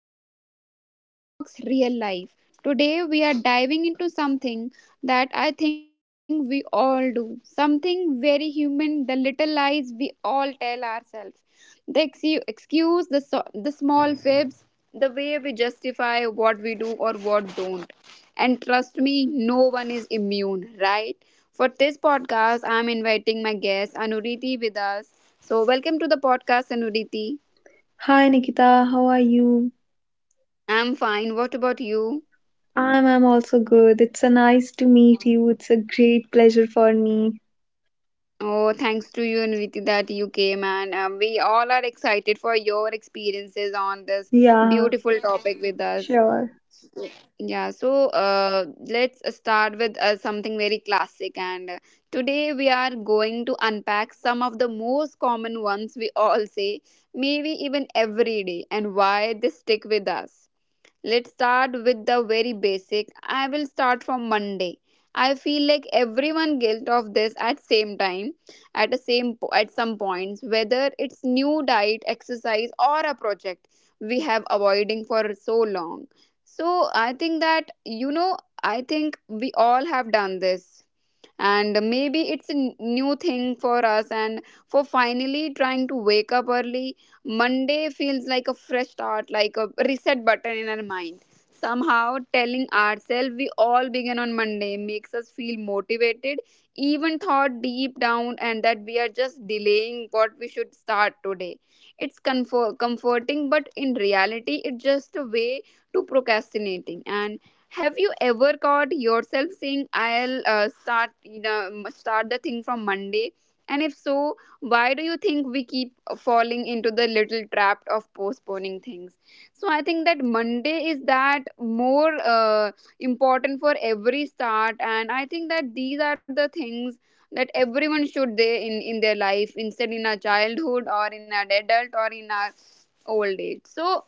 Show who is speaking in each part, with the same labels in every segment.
Speaker 1: of Real Talks Real Life. Today we are diving into something that I think we all do, something very human, the little lies we all tell ourselves. They excuse the small fibs, the way we justify what we do or what don't. And trust me, no one is immune, right? For this podcast, I'm inviting my guest Anuriti with us. So, welcome to the podcast, Anuriti.
Speaker 2: Hi Nikita, how are you?
Speaker 1: I'm fine. What about you?
Speaker 2: I'm also good. It's a nice to meet you. It's a great pleasure for me.
Speaker 1: Oh, thanks to you, Anuriti, that you came, and we all are excited for your experiences on this
Speaker 2: Yeah,
Speaker 1: beautiful topic with us.
Speaker 2: sure.
Speaker 1: Yeah, so let's start with something very classic. And today we are going to unpack some of the most common ones we all say, maybe even every day, and why they stick with us. Let's start with the very basic. I will start from Monday. I feel like everyone guilt of this at same time, at the same po- at some points, whether it's new diet, exercise, or a project we have avoiding for so long. So I think that I think we all have done this, and maybe it's a new thing for us, and for finally trying to wake up early, Monday feels like a fresh start, like a reset button in our mind. Somehow, telling ourselves we all begin on Monday makes us feel motivated, even thought deep down, and that we are just delaying what we should start today. It's comforting, but in reality, it's just a way to procrastinating. And have you ever caught yourself saying, "I'll start the thing from Monday"? And if so, why do you think we keep falling into the little trap of postponing things? So I think that Monday is that more important for every start, and I think that these are the things that everyone should they in their life, instead in our childhood or in our adult or in our old age, so.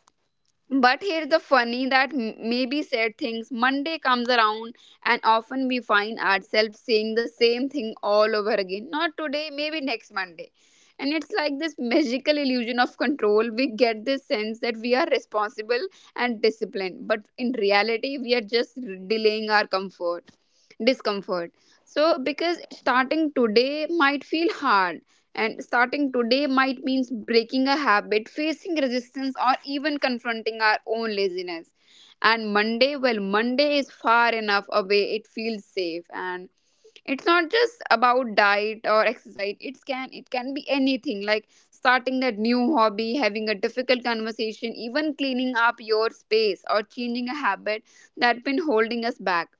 Speaker 1: But here's the funny that maybe said things. Monday comes around, and often we find ourselves saying the same thing all over again. Not today, maybe next Monday. And it's like this magical illusion of control. We get this sense that we are responsible and disciplined, but in reality, we are just delaying our comfort, discomfort. So, because starting today might feel hard, and starting today might mean breaking a habit, facing resistance, or even confronting our own laziness. And Monday, well, Monday is far enough away, it feels safe. And it's not just about diet or exercise, it can be anything, like starting that new hobby, having a difficult conversation, even cleaning up your space or changing a habit that's been holding us back.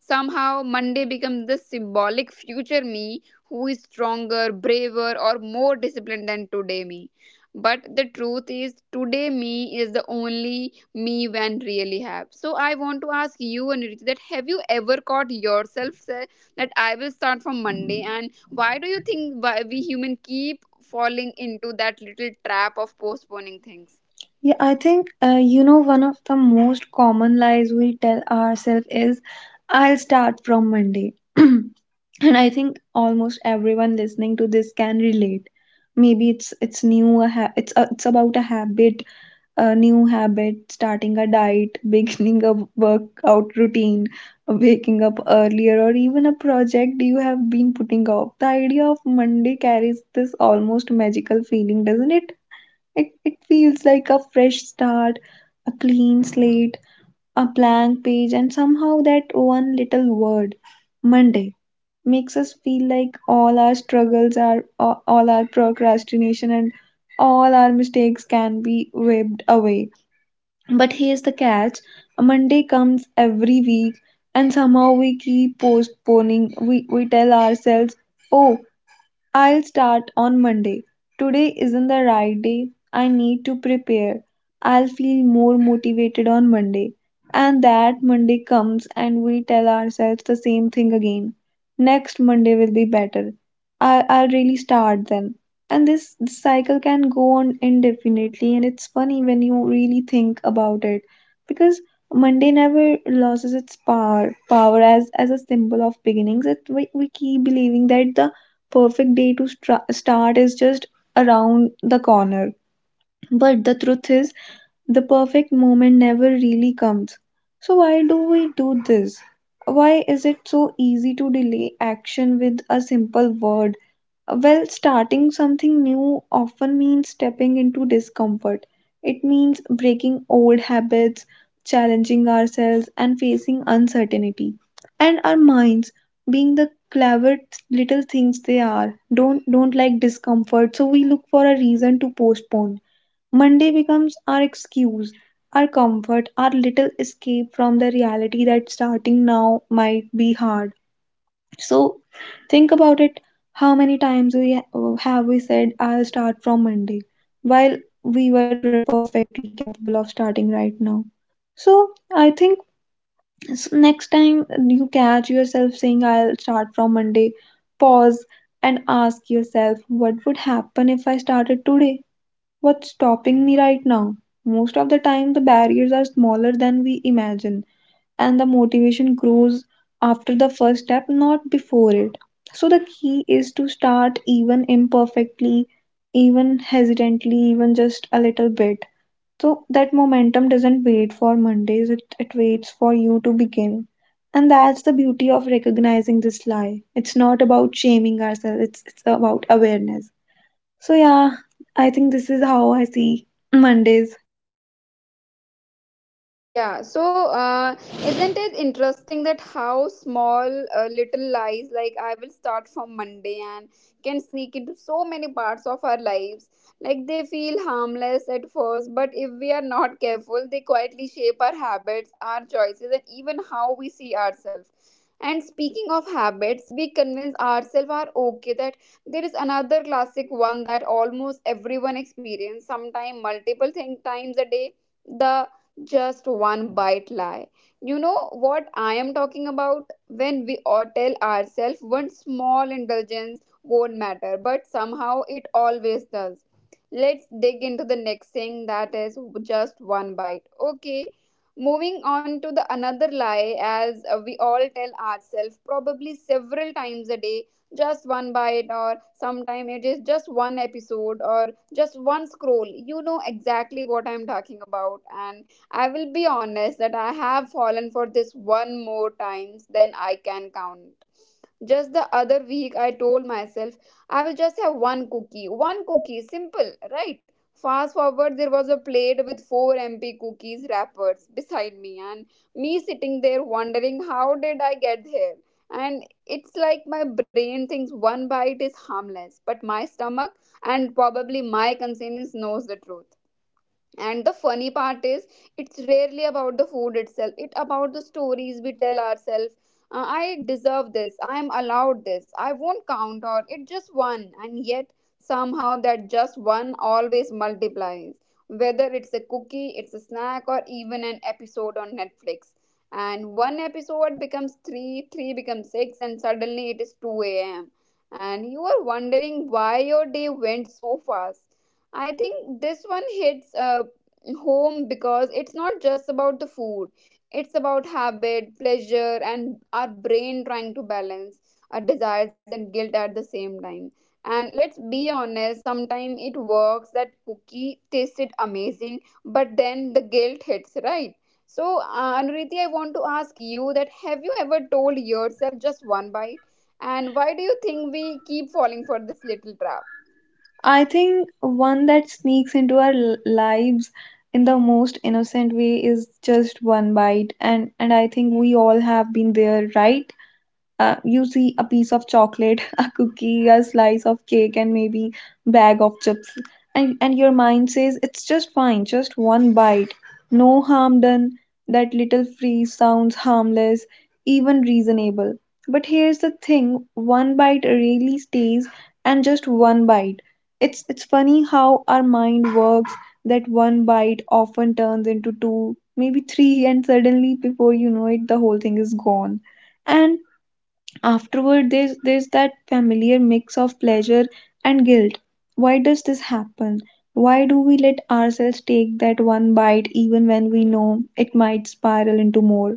Speaker 1: Somehow, Monday becomes the symbolic future me who is stronger, braver, or more disciplined than today me. But the truth is, today me is the only me when really have. So I want to ask you, Anirudh, that have you ever caught yourself say that I will start from Monday, and why do you think why we human keep falling into that little trap of postponing things?
Speaker 2: Yeah, I think you know one of the most common lies we tell ourselves is I'll start from Monday. And I think almost everyone listening to this can relate. Maybe it's new a ha- it's a, It's about a habit, a new habit, starting a diet, beginning a workout routine, waking up earlier, or even a project you have been putting off. The idea of Monday carries this almost magical feeling, doesn't it? It feels like a fresh start, a clean slate, a blank page, and somehow that one little word, Monday, makes us feel like all our struggles, are all our procrastination, and all our mistakes can be wiped away. But here's the catch, a Monday comes every week, and somehow we keep postponing. We tell ourselves, oh, I'll start on Monday. Today isn't the right day. I need to prepare. I'll feel more motivated on Monday. And that Monday comes and we tell ourselves the same thing again. Next Monday will be better. I'll really start then. And this cycle can go on indefinitely. And it's funny when you really think about it, because Monday never loses its power. Power as a symbol of beginnings. It, we keep believing that the perfect day to start is just around the corner. But the truth is, the perfect moment never really comes. So, why do we do this? Why is it so easy to delay action with a simple word? Well, starting something new often means stepping into discomfort. It means breaking old habits, challenging ourselves, and facing uncertainty. And our minds, being the clever little things they are, don't like discomfort, so we look for a reason to postpone. Monday becomes our excuse, our comfort, our little escape from the reality that starting now might be hard. So think about it, how many times have we said I'll start from Monday while we were perfectly capable of starting right now. So I think, next time you catch yourself saying I'll start from Monday, pause and ask yourself, what would happen if I started today? What's stopping me right now? Most of the time the barriers are smaller than we imagine, and the motivation grows after the first step, not before it. So, the key is to start, even imperfectly, even hesitantly, even just a little bit. So, that momentum doesn't wait for Mondays, it waits for you to begin. And that's the beauty of recognizing this lie. It's not about shaming ourselves, it's about awareness. So, yeah, I think this is how I see Mondays.
Speaker 1: Yeah, so isn't it interesting that how small little lies like I will start from Monday and can sneak into so many parts of our lives? Like they feel harmless at first, but if we are not careful, they quietly shape our habits, our choices, and even how we see ourselves. And speaking of habits, we convince ourselves are okay that there is another classic one that almost everyone experience sometime multiple thing times a day, the just one bite lie. You know what I am talking about? When we all tell ourselves one small indulgence won't matter, but somehow it always does. Let's dig into the next thing that is just one bite. Okay, moving on to the another lie as we all tell ourselves probably several times a day, just one bite, or sometime it is just one episode or just one scroll. You know exactly what I'm talking about. And I will be honest that I have fallen for this one more times than I can count. Just the other week, I told myself I will just have one cookie. One cookie, simple, right? Fast forward, there was a plate with four MP cookies wrappers beside me, and me sitting there wondering how did I get here. And it's like my brain thinks one bite is harmless, but my stomach and probably my conscience knows the truth. And the funny part is, it's rarely about the food itself. It's about the stories we tell ourselves. I deserve this, I am allowed this, I won't count out it just one, and yet somehow that just one always multiplies, whether it's a cookie, it's a snack, or even an episode on Netflix. And one episode becomes 3, 3 becomes 6, and suddenly it is 2 a.m, and you are wondering why your day went so fast. I think this one hits home because it's not just about the food, it's about habit pleasure and our brain trying to balance our desires and guilt at the same time. And let's be honest, sometimes it works, that cookie tasted amazing, but then the guilt hits, right? So, Anuriti, I want to ask you that have you ever told yourself just one bite, and why do you think we keep falling for this little trap?
Speaker 2: I think one that sneaks into our lives in the most innocent way is just one bite. And I think we all have been there, right? You see a piece of chocolate, a cookie, a slice of cake, and maybe bag of chips, and your mind says it's just fine, just one bite, no harm done. That little freeze sounds harmless, even reasonable. But here's the thing, one bite really stays. And just one bite, it's funny how our mind works, that one bite often turns into two, maybe three, and suddenly before you know it the whole thing is gone. And afterward there's that familiar mix of pleasure and guilt. Why does this happen? Why do we let ourselves take that one bite even when we know it might spiral into more?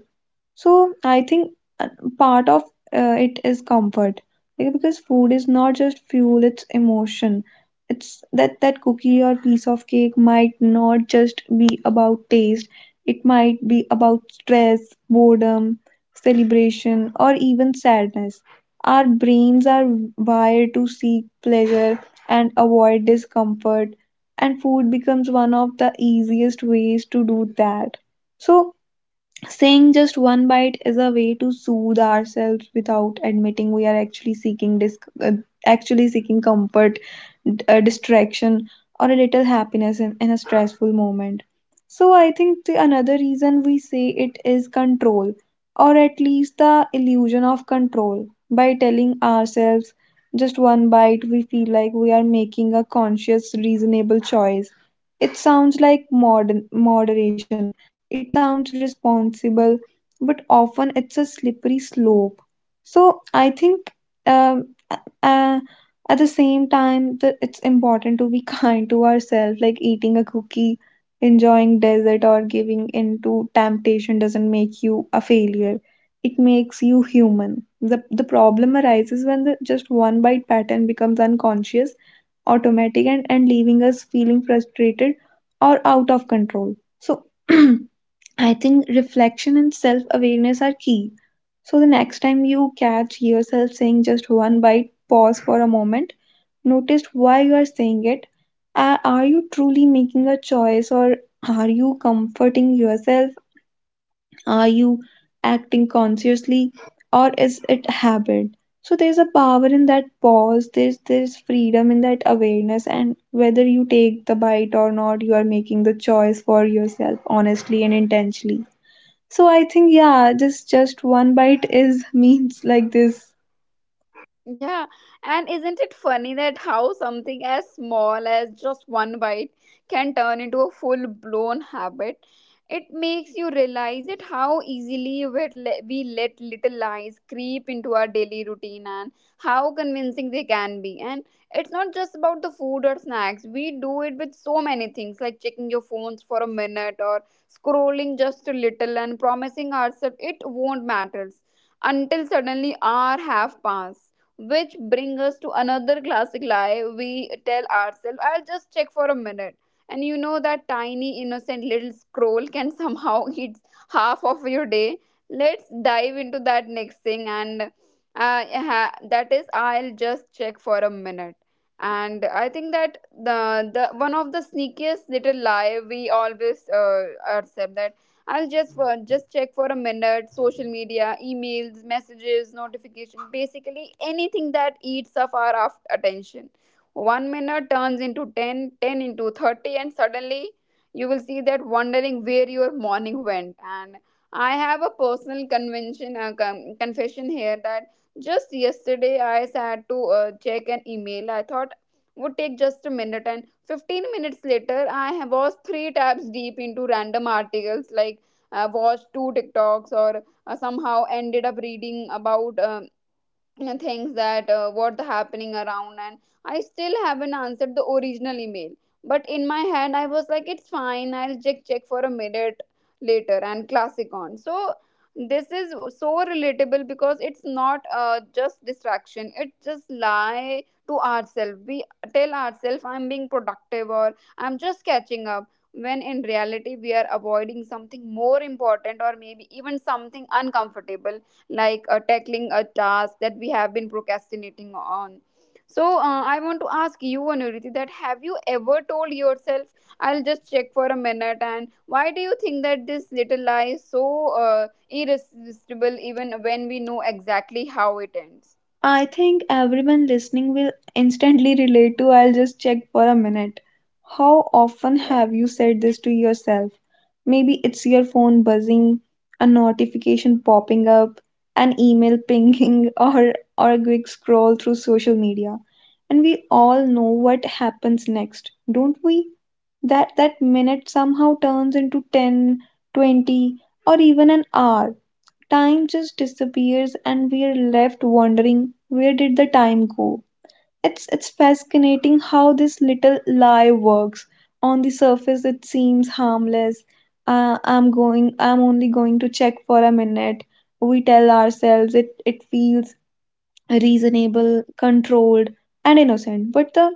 Speaker 2: So I think uh, part of it is comfort. Like, because food is not just fuel, it's emotion. It's that, that cookie or piece of cake might not just be about taste. It might be about stress, boredom, celebration, or even sadness. Our brains are wired to seek pleasure and avoid discomfort, and food becomes one of the easiest ways to do that. So saying just one bite is a way to soothe ourselves without admitting we are actually seeking actually seeking comfort, distraction, or a little happiness in a stressful moment. So I think the another reason we say it is control, or at least the illusion of control. By telling ourselves just one bite, we feel like we are making a conscious, reasonable choice. It sounds like modern moderation, it sounds responsible, but often it's a slippery slope. So I think, um, uh, at the same time, that it's important to be kind to ourselves, like eating a cookie, enjoying dessert, or giving in to temptation doesn't make you a failure. It makes you human. The problem arises when the just one bite pattern becomes unconscious, automatic, and leaving us feeling frustrated or out of control. So I think reflection and self awareness are key. So the next time you catch yourself saying just one bite, pause for a moment. Notice why you are saying it. Are you truly making a choice, or are you comforting yourself? Are you acting consciously, or is it habit? So there's a power in that pause, there's freedom in that awareness, and whether you take the bite or not, you are making the choice for yourself, honestly and intentionally. So I think, yeah, just one bite is means like this.
Speaker 1: Yeah, and isn't it funny that how something as small as just one bite can turn into a full blown habit? It makes you realize it how easily we let little lies creep into our daily routine and how convincing they can be. And it's not just about the food or snacks, we do it with so many things like checking your phones for a minute or scrolling just a little and promising ourselves it won't matter until suddenly hour have passed, which bring us to another classic lie we tell ourselves, I'll just check for a minute. And you know that tiny innocent little scroll can somehow eat half of your day. Let's dive into that next thing, and that is I'll just check for a minute. And I think that the one of the sneakiest little lie we always accept, I'll just check for a minute, social media, emails, messages, notification, basically anything that eats up our attention. 1 minute turns into 10, 10 into 30, and suddenly you will see that wondering where your morning went. And I have a personal confession here that just yesterday I sat to check an email. I thought would take just a minute, and 15 minutes later I was three tabs deep into random articles, like watched two TikToks, or somehow ended up reading about. Things that what the happening around. And I still haven't answered the original email, but in my head I was like, it's fine, I'll check for a minute later, and classic on. So this is so relatable because it's not just distraction, it's just lie to ourselves. We tell ourselves I'm being productive, or I'm just catching up, when in reality we are avoiding something more important or maybe even something uncomfortable, like tackling a task that we have been procrastinating on. So, I want to ask you, Anuriti, that have you ever told yourself, "I'll just check for a minute," and why do you think that this little lie is so irresistible, even when we know exactly how it ends?
Speaker 2: I think everyone listening will instantly relate to I'll just check for a minute. How often
Speaker 1: Yeah.
Speaker 2: have you said this to yourself? Maybe it's your phone buzzing, a notification popping up, an email pinging, or a quick scroll through social media. And we all know what happens next, don't we? That minute somehow turns into ten, 20, or even an hour. Time just disappears, and we are left wondering, where did the time go? It's fascinating how this little lie works. On the surface it seems harmless. I'm only going to check for a minute, we tell ourselves. It feels reasonable, controlled, and innocent. But the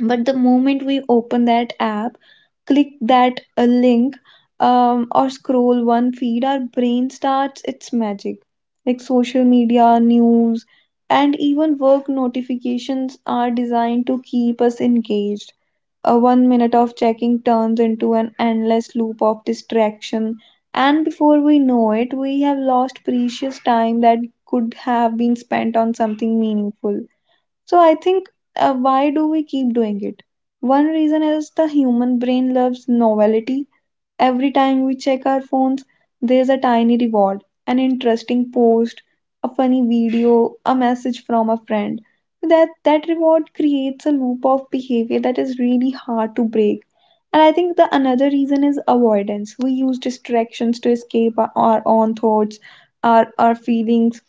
Speaker 2: but the moment we open that app, click that link, or scroll one feed, our brain starts its magic. Like social media, news, and even work notifications are designed to keep us engaged. A one minute of checking turns into an endless loop of distraction, and before we know it we have lost precious time that could have been spent on something meaningful. So I think, why do we keep doing it? One reason is the human brain loves novelty. Every time we check our phones, there's a tiny reward, an interesting post, a funny video, a message from a friend. That reward creates a loop of behavior that is really hard to break. And I think the another reason is avoidance. We use distractions to escape our own thoughts, our feelings,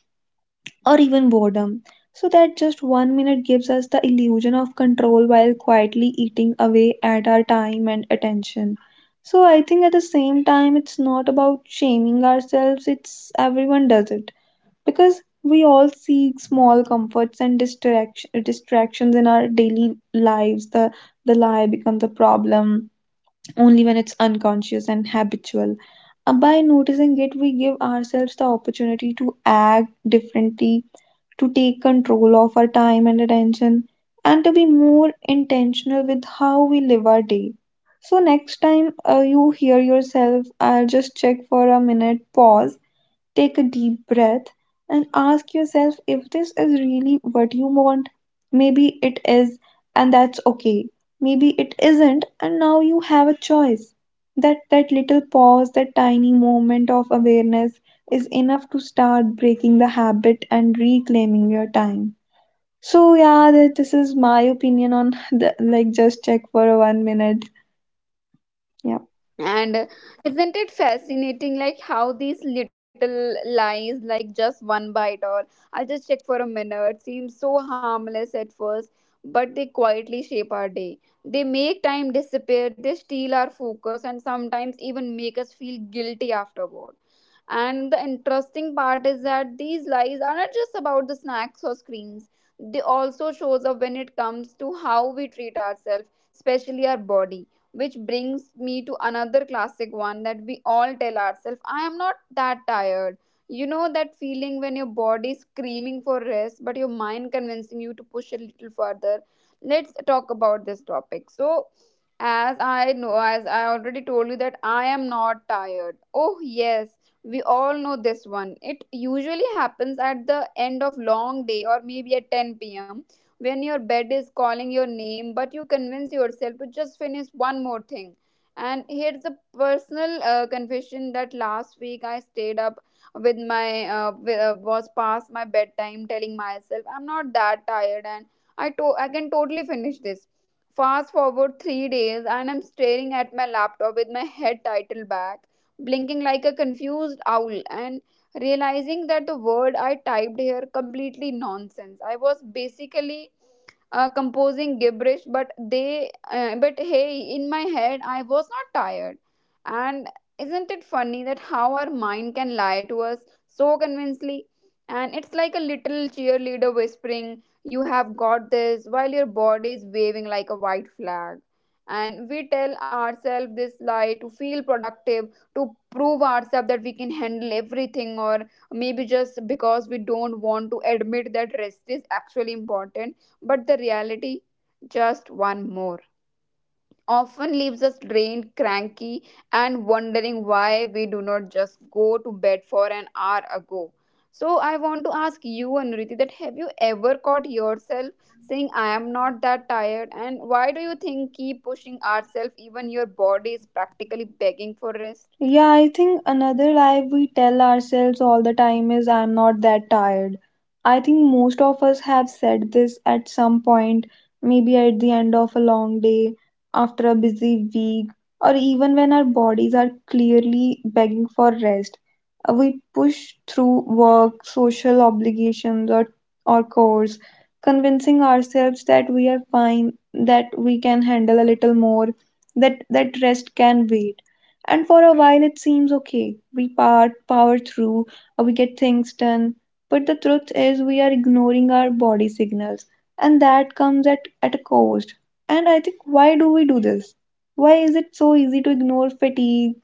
Speaker 2: or even boredom. So that just one minute gives us the illusion of control while quietly eating away at our time and attention. So I think, at the same time, it's not about shaming ourselves, it's, everyone does it. Because we all seek small comforts and distractions in our daily lives. The lie becomes a problem only when it's unconscious and habitual. By noticing it, we give ourselves the opportunity to act differently, to take control of our time and attention, and to be more intentional with how we live our day. So, next time you hear yourself, just check for a minute, pause. Take a deep breath and ask yourself if this is really what you want. Maybe it is, and that's okay. Maybe it isn't, and now you have a choice. That little pause, that tiny moment of awareness is enough to start breaking the habit and reclaiming your time. So yeah, this is my opinion on the, like just check for a one minute. Yeah.
Speaker 1: And isn't it fascinating, like how these little lies, like just one bite or I'll just check for a minute, seem so harmless at first, but they quietly shape our day. They make time disappear, they steal our focus, and sometimes even make us feel guilty afterward. And the interesting part is that these lies are not just about the snacks or screens. They also shows up when it comes to how we treat ourselves, especially our body, which brings me to another classic one that we all tell ourselves, I am not that tired. You know that feeling when your body is screaming for rest, but your mind convincing you to push a little further. Let's talk about this topic. So, as I know, as I already told you, that I am not tired. Oh, yes, we all know this one. It usually happens at the end of long day, or maybe at 10 p.m., when your bed is calling your name, but you convince yourself to just finish one more thing. And here's a personal confession that last week I stayed up with my was past my bedtime, telling myself I'm not that tired, and I can totally finish this. Fast forward 3 days, and I'm staring at my laptop with my head titled back, blinking like a confused owl, and realizing that the word I typed here completely nonsense. I was basically composing gibberish, but hey, in my head I was not tired. And isn't it funny that how our mind can lie to us so convincingly? And it's like a little cheerleader whispering, you have got this, while your body is waving like a white flag. And we tell ourselves this lie to feel productive, to prove ourselves that we can handle everything, or maybe just because we don't want to admit that rest is actually important. But the reality, just one more, often leaves us drained, cranky, and wondering why we do not just go to bed for an hour ago. So I want to ask you, Anuriti, that have you ever caught yourself saying, I am not that tired? And why do you think keep pushing ourselves even your body is practically begging for rest?
Speaker 2: Yeah, I think another lie we tell ourselves all the time is I'm not that tired. I think most of us have said this at some point, maybe at the end of a long day, after a busy week, or even when our bodies are clearly begging for rest. We push through work, social obligations, or chores, convincing ourselves that we are fine, that we can handle a little more, that rest can wait. And for a while, it seems okay. We power through, we get things done. But the truth is, we are ignoring our body signals, and that comes at a cost. And I think, why do we do this? Why is it so easy to ignore fatigue?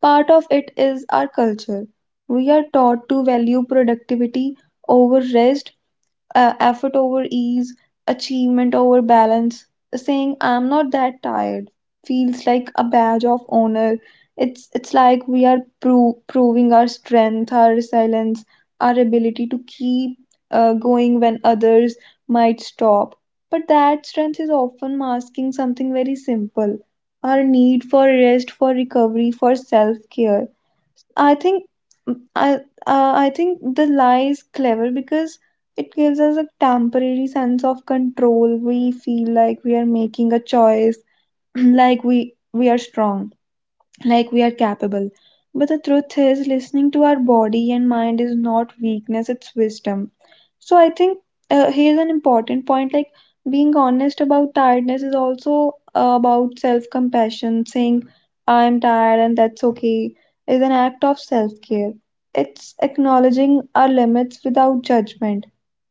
Speaker 2: Part of it is our culture. We are taught to value productivity over rest, effort over ease, achievement over balance. Saying I'm not that tired feels like a badge of honor. It's like we are proving our strength, our resilience, our ability to keep going when others might stop. But that strength is often masking something very simple, our need for rest, for recovery, for self care I think mm, I I think the lie is clever because it gives us a temporary sense of control. We feel like we are making a choice, like we are strong, like we are capable. But the truth is, listening to our body and mind is not weakness; it's wisdom. So I think here's an important point like being honest about tiredness is also about self compassion. Saying, I'm tired and that's okay, is an act of self care. It's acknowledging our limits without judgment.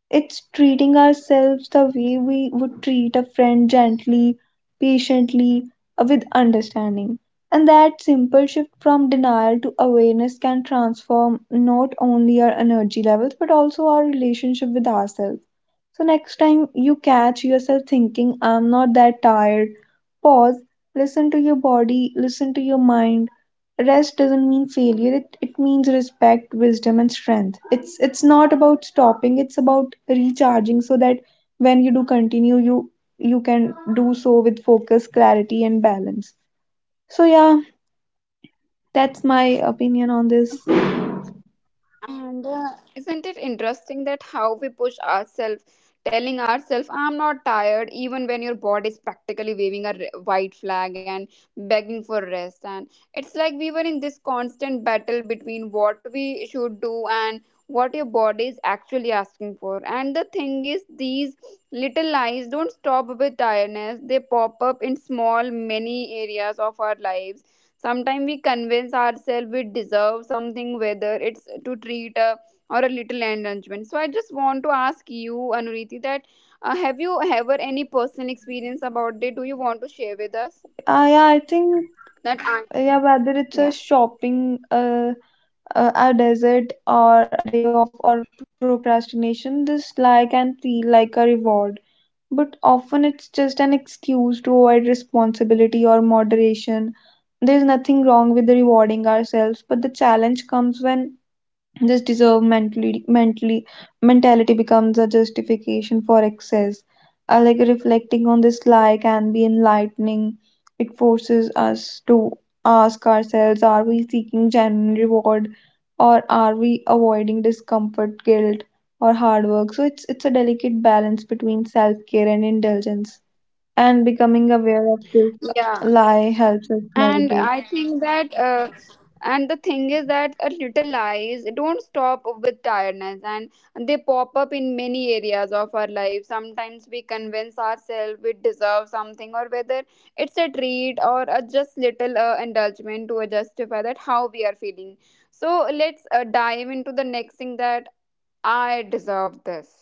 Speaker 2: It's treating ourselves the way we would treat a friend gently, patiently, with understanding. And that simple shift from denial to awareness can transform not only our energy levels but also our relationship with ourselves. So next time you catch yourself thinking, I'm not that tired, pause, listen to your body, listen to your mind. Rest doesn't mean failure, it means respect, wisdom, and strength. It's not about stopping, it's about recharging so that when you do continue, you can do so with focus, clarity, and balance. So yeah, that's my opinion on this.
Speaker 1: And isn't it interesting that how we push ourselves, telling ourselves, I'm not tired, even when your body is practically waving a white flag and begging for rest? And it's like we were in this constant battle between what we should do and what your body is actually asking for. And the thing is, these little lies don't stop with tiredness, they pop up in small, many areas of our lives. Sometimes we convince ourselves we deserve something, whether it's to treat or a little enlargement. So I just want to ask you, Anuriti, that have you ever any personal experience about it? Do you want to share with us?
Speaker 2: Yeah, I think
Speaker 1: That I.
Speaker 2: yeah, whether it's a
Speaker 1: Yeah,
Speaker 2: shopping a desert or a day off or procrastination, this lie can feel like a reward. But often it's just an excuse to avoid responsibility or moderation. There's nothing wrong with rewarding ourselves, but the challenge comes when this deserve mentally, mentally mentality becomes a justification for excess. I like reflecting on this lie can be enlightening. It forces us to ask ourselves: are we seeking genuine reward, or are we avoiding discomfort, guilt, or hard work? So it's a delicate balance between self care and indulgence. And becoming aware of this
Speaker 1: yeah.
Speaker 2: lie helps us
Speaker 1: And
Speaker 2: navigate.
Speaker 1: I think that and the thing is that a little lies don't stop with tiredness, and they pop up in many areas of our life. Sometimes we convince ourselves we deserve something, or whether it's a treat or a just little indulgement to justify that how we are feeling. So let's dive into the next thing, that I deserve this.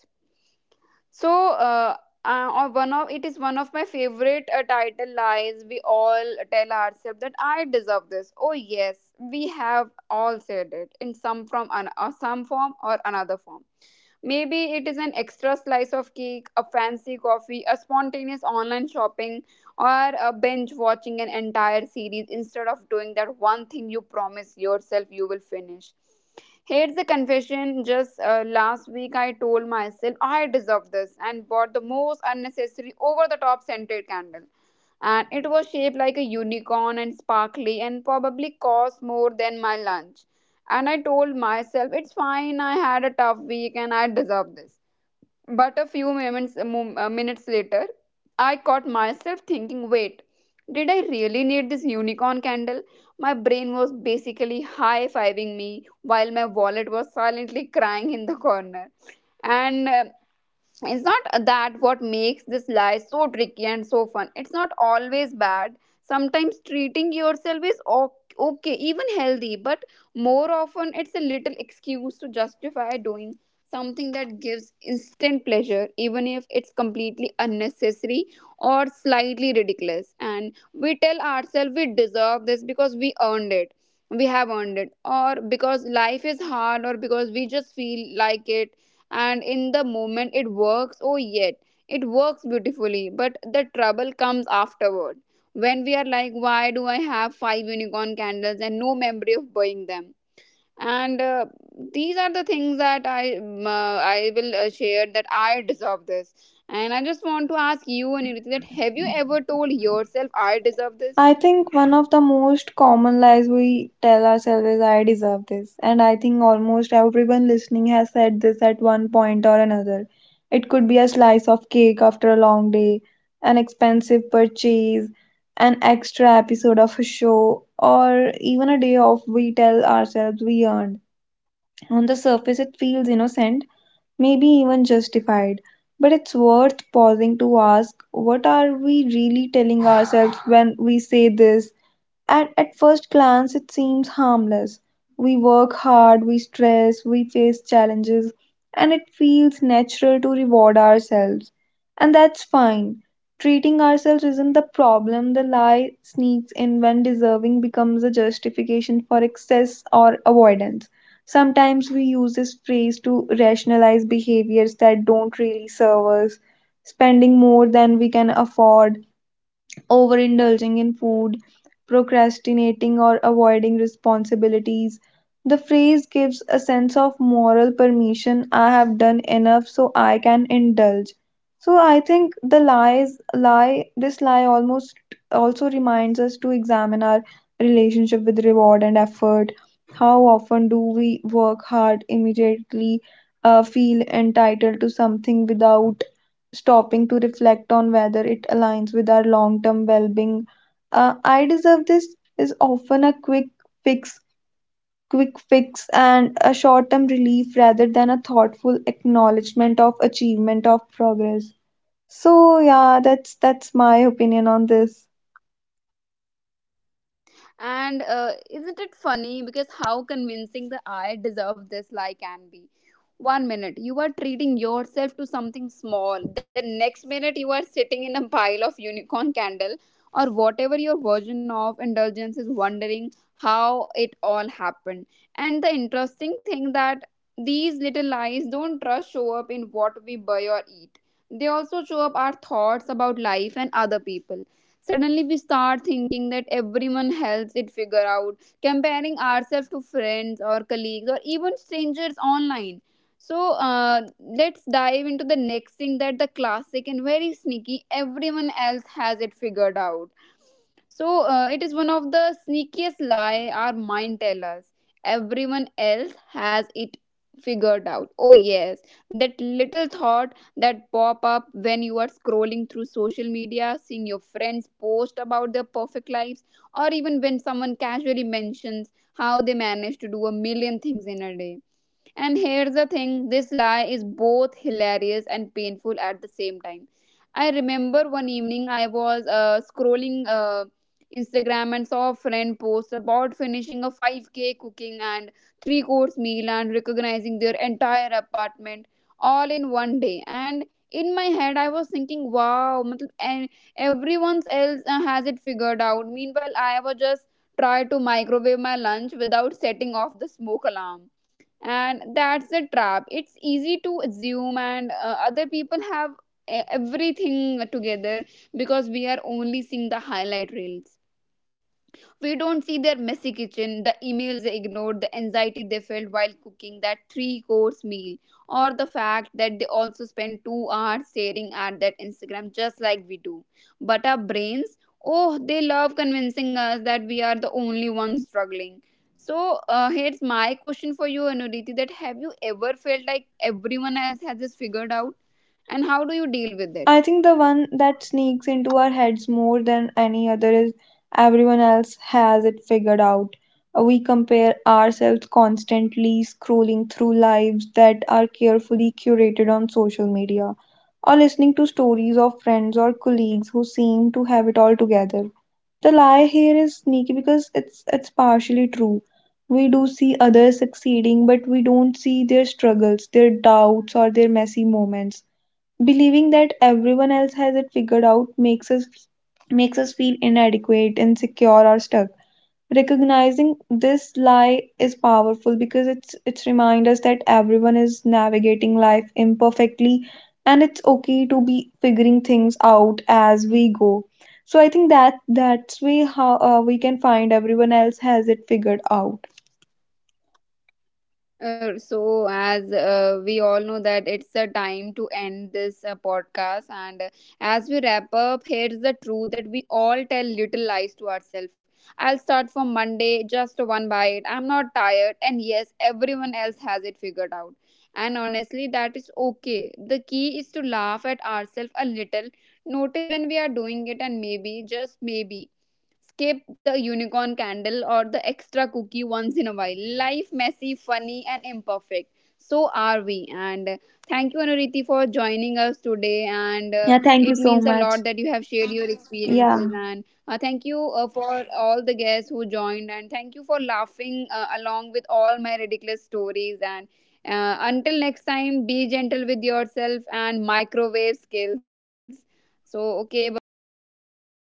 Speaker 1: So, or one of it is one of my favorite title lies. We all tell ourselves that I deserve this. Oh, yes, we have all said it in some or some form or another form. Maybe it is an extra slice of cake, a fancy coffee, a spontaneous online shopping, or a binge watching an entire series instead of doing that one thing you promise yourself you will finish. Here's the confession. Just last week, I told myself I deserve this, and bought the most unnecessary over the top scented candle. And it was shaped like a unicorn and sparkly and probably cost more than my lunch. And I told myself, it's fine, I had a tough week and I deserve this. But a few minutes later, I caught myself thinking, wait, did I really need this unicorn candle? My brain was basically high fiving me while my wallet was silently crying in the corner. And it's not that what makes this life so tricky and so fun. It's not always bad, sometimes treating yourself is okay, even healthy, but more often it's a little excuse to justify doing something that gives instant pleasure, even if it's completely unnecessary or slightly ridiculous. And we tell ourselves we deserve this because we earned it, we have earned it, or because life is hard, or because we just feel like it. And in the moment it works. Oh, yet it works beautifully, but the trouble comes afterward when we are like, why do I have five unicorn candles and no memory of buying them? And these are the things that I will share, that I deserve this. And I just want to ask you, and that have you ever told yourself I deserve this?
Speaker 2: I think one of the most common lies we tell ourselves is I deserve this. And I think almost everyone listening has said this at one point or another. It could be a slice of cake after a long day, an expensive purchase, an extra episode of a show, or even a day off we tell ourselves we earned. On the surface, it feels innocent, maybe even justified. But it's worth pausing to ask what are we really telling ourselves when we say this? At first glance, it seems harmless. We work hard, we stress, we face challenges, and it feels natural to reward ourselves. And that's fine. Treating ourselves isn't the problem, the lie sneaks in when deserving becomes a justification for excess or avoidance. Sometimes we use this phrase to rationalize behaviors that don't really serve us, spending more than we can afford overindulging in food, procrastinating, or avoiding responsibilities. The phrase gives a sense of moral permission I have done enough so I can indulge. So I think the lies lie this lie almost also reminds us to examine our relationship with reward and effort. How often do we work hard immediately feel entitled to something without stopping to reflect on whether it aligns with our long term well being. I deserve this is often a fix, quick fix, and a short term relief rather than a thoughtful acknowledgement of achievement of progress. So yeah, that's my opinion on this.
Speaker 1: And isn't it funny because how convincing the I deserve this lie can be? One minute you are treating yourself to something small, the next minute you are sitting in a pile of unicorn candle, or whatever your version of indulgence is, wondering how it all happened. And the interesting thing that these little lies don't just show up in what we buy or eat, they also show up our thoughts about life and other people. Suddenly, we start thinking that everyone else it figure out, comparing ourselves to friends or colleagues or even strangers online. So let's dive into the next thing, that the classic and very sneaky everyone else has it figured out. So it is one of the sneakiest lie our mind tell us. Everyone else has it figured out. Oh, yes, that little thought that pop up when you are scrolling through social media, seeing your friends post about their perfect lives, or even when someone casually mentions how they manage to do a million things in a day. And here's the thing, this lie is both hilarious and painful at the same time. I remember one evening I was scrolling Instagram and saw a friend post about finishing a 5K, cooking and three course meal, and recognizing their entire apartment all in one day. And in my head, I was thinking, wow, matlab, and everyone else has it figured out. Meanwhile, I was just try to microwave my lunch without setting off the smoke alarm. And that's the trap, it's easy to assume and other people have everything together, because we are only seeing the highlight reels. We don't see their messy kitchen, the emails they ignored, the anxiety they felt while cooking that three course meal, or the fact that they also spend 2 hours staring at that Instagram just like we do. But our brains, oh, they love convincing us that we are the only ones struggling. So here's my question for you, Anuriti, that have you ever felt like everyone else has this figured out? And how do you deal with it?
Speaker 2: I think the one that sneaks into our heads more than any other is everyone else has it figured out. We compare ourselves constantly, scrolling through lives that are carefully curated on social media, or listening to stories of friends or colleagues who seem to have it all together. The lie here is sneaky because it's partially true. We do see others succeeding, but we don't see their struggles, their doubts, or their messy moments. Believing that everyone else has it figured out makes us feel inadequate, insecure, or stuck. Recognizing this lie is powerful because it's remind us that everyone is navigating life imperfectly and it's okay to be figuring things out as we go. So I think that that's way how we can find everyone else has it figured out.
Speaker 1: So as we all know that it's a time to end this podcast. And as we wrap up, here's the truth that we all tell little lies to ourselves. I'll start from Monday, just one bite, I'm not tired, and yes, everyone else has it figured out. And honestly that is okay. The key is to laugh at ourselves a little, notice when we are doing it, and maybe just maybe skip the unicorn candle or the extra cookie once in a while. Life messy, funny, and imperfect. So are we. And thank you, Anuriti, for joining us today. And
Speaker 2: Yeah, thank you
Speaker 1: it
Speaker 2: so
Speaker 1: means a
Speaker 2: much.
Speaker 1: lot that you have shared your experiences.
Speaker 2: Yeah.
Speaker 1: And thank you for all the guests who joined. And thank you for laughing along with all my ridiculous stories. And until next time, be gentle with yourself and microwave skills. So, okay, bye bye.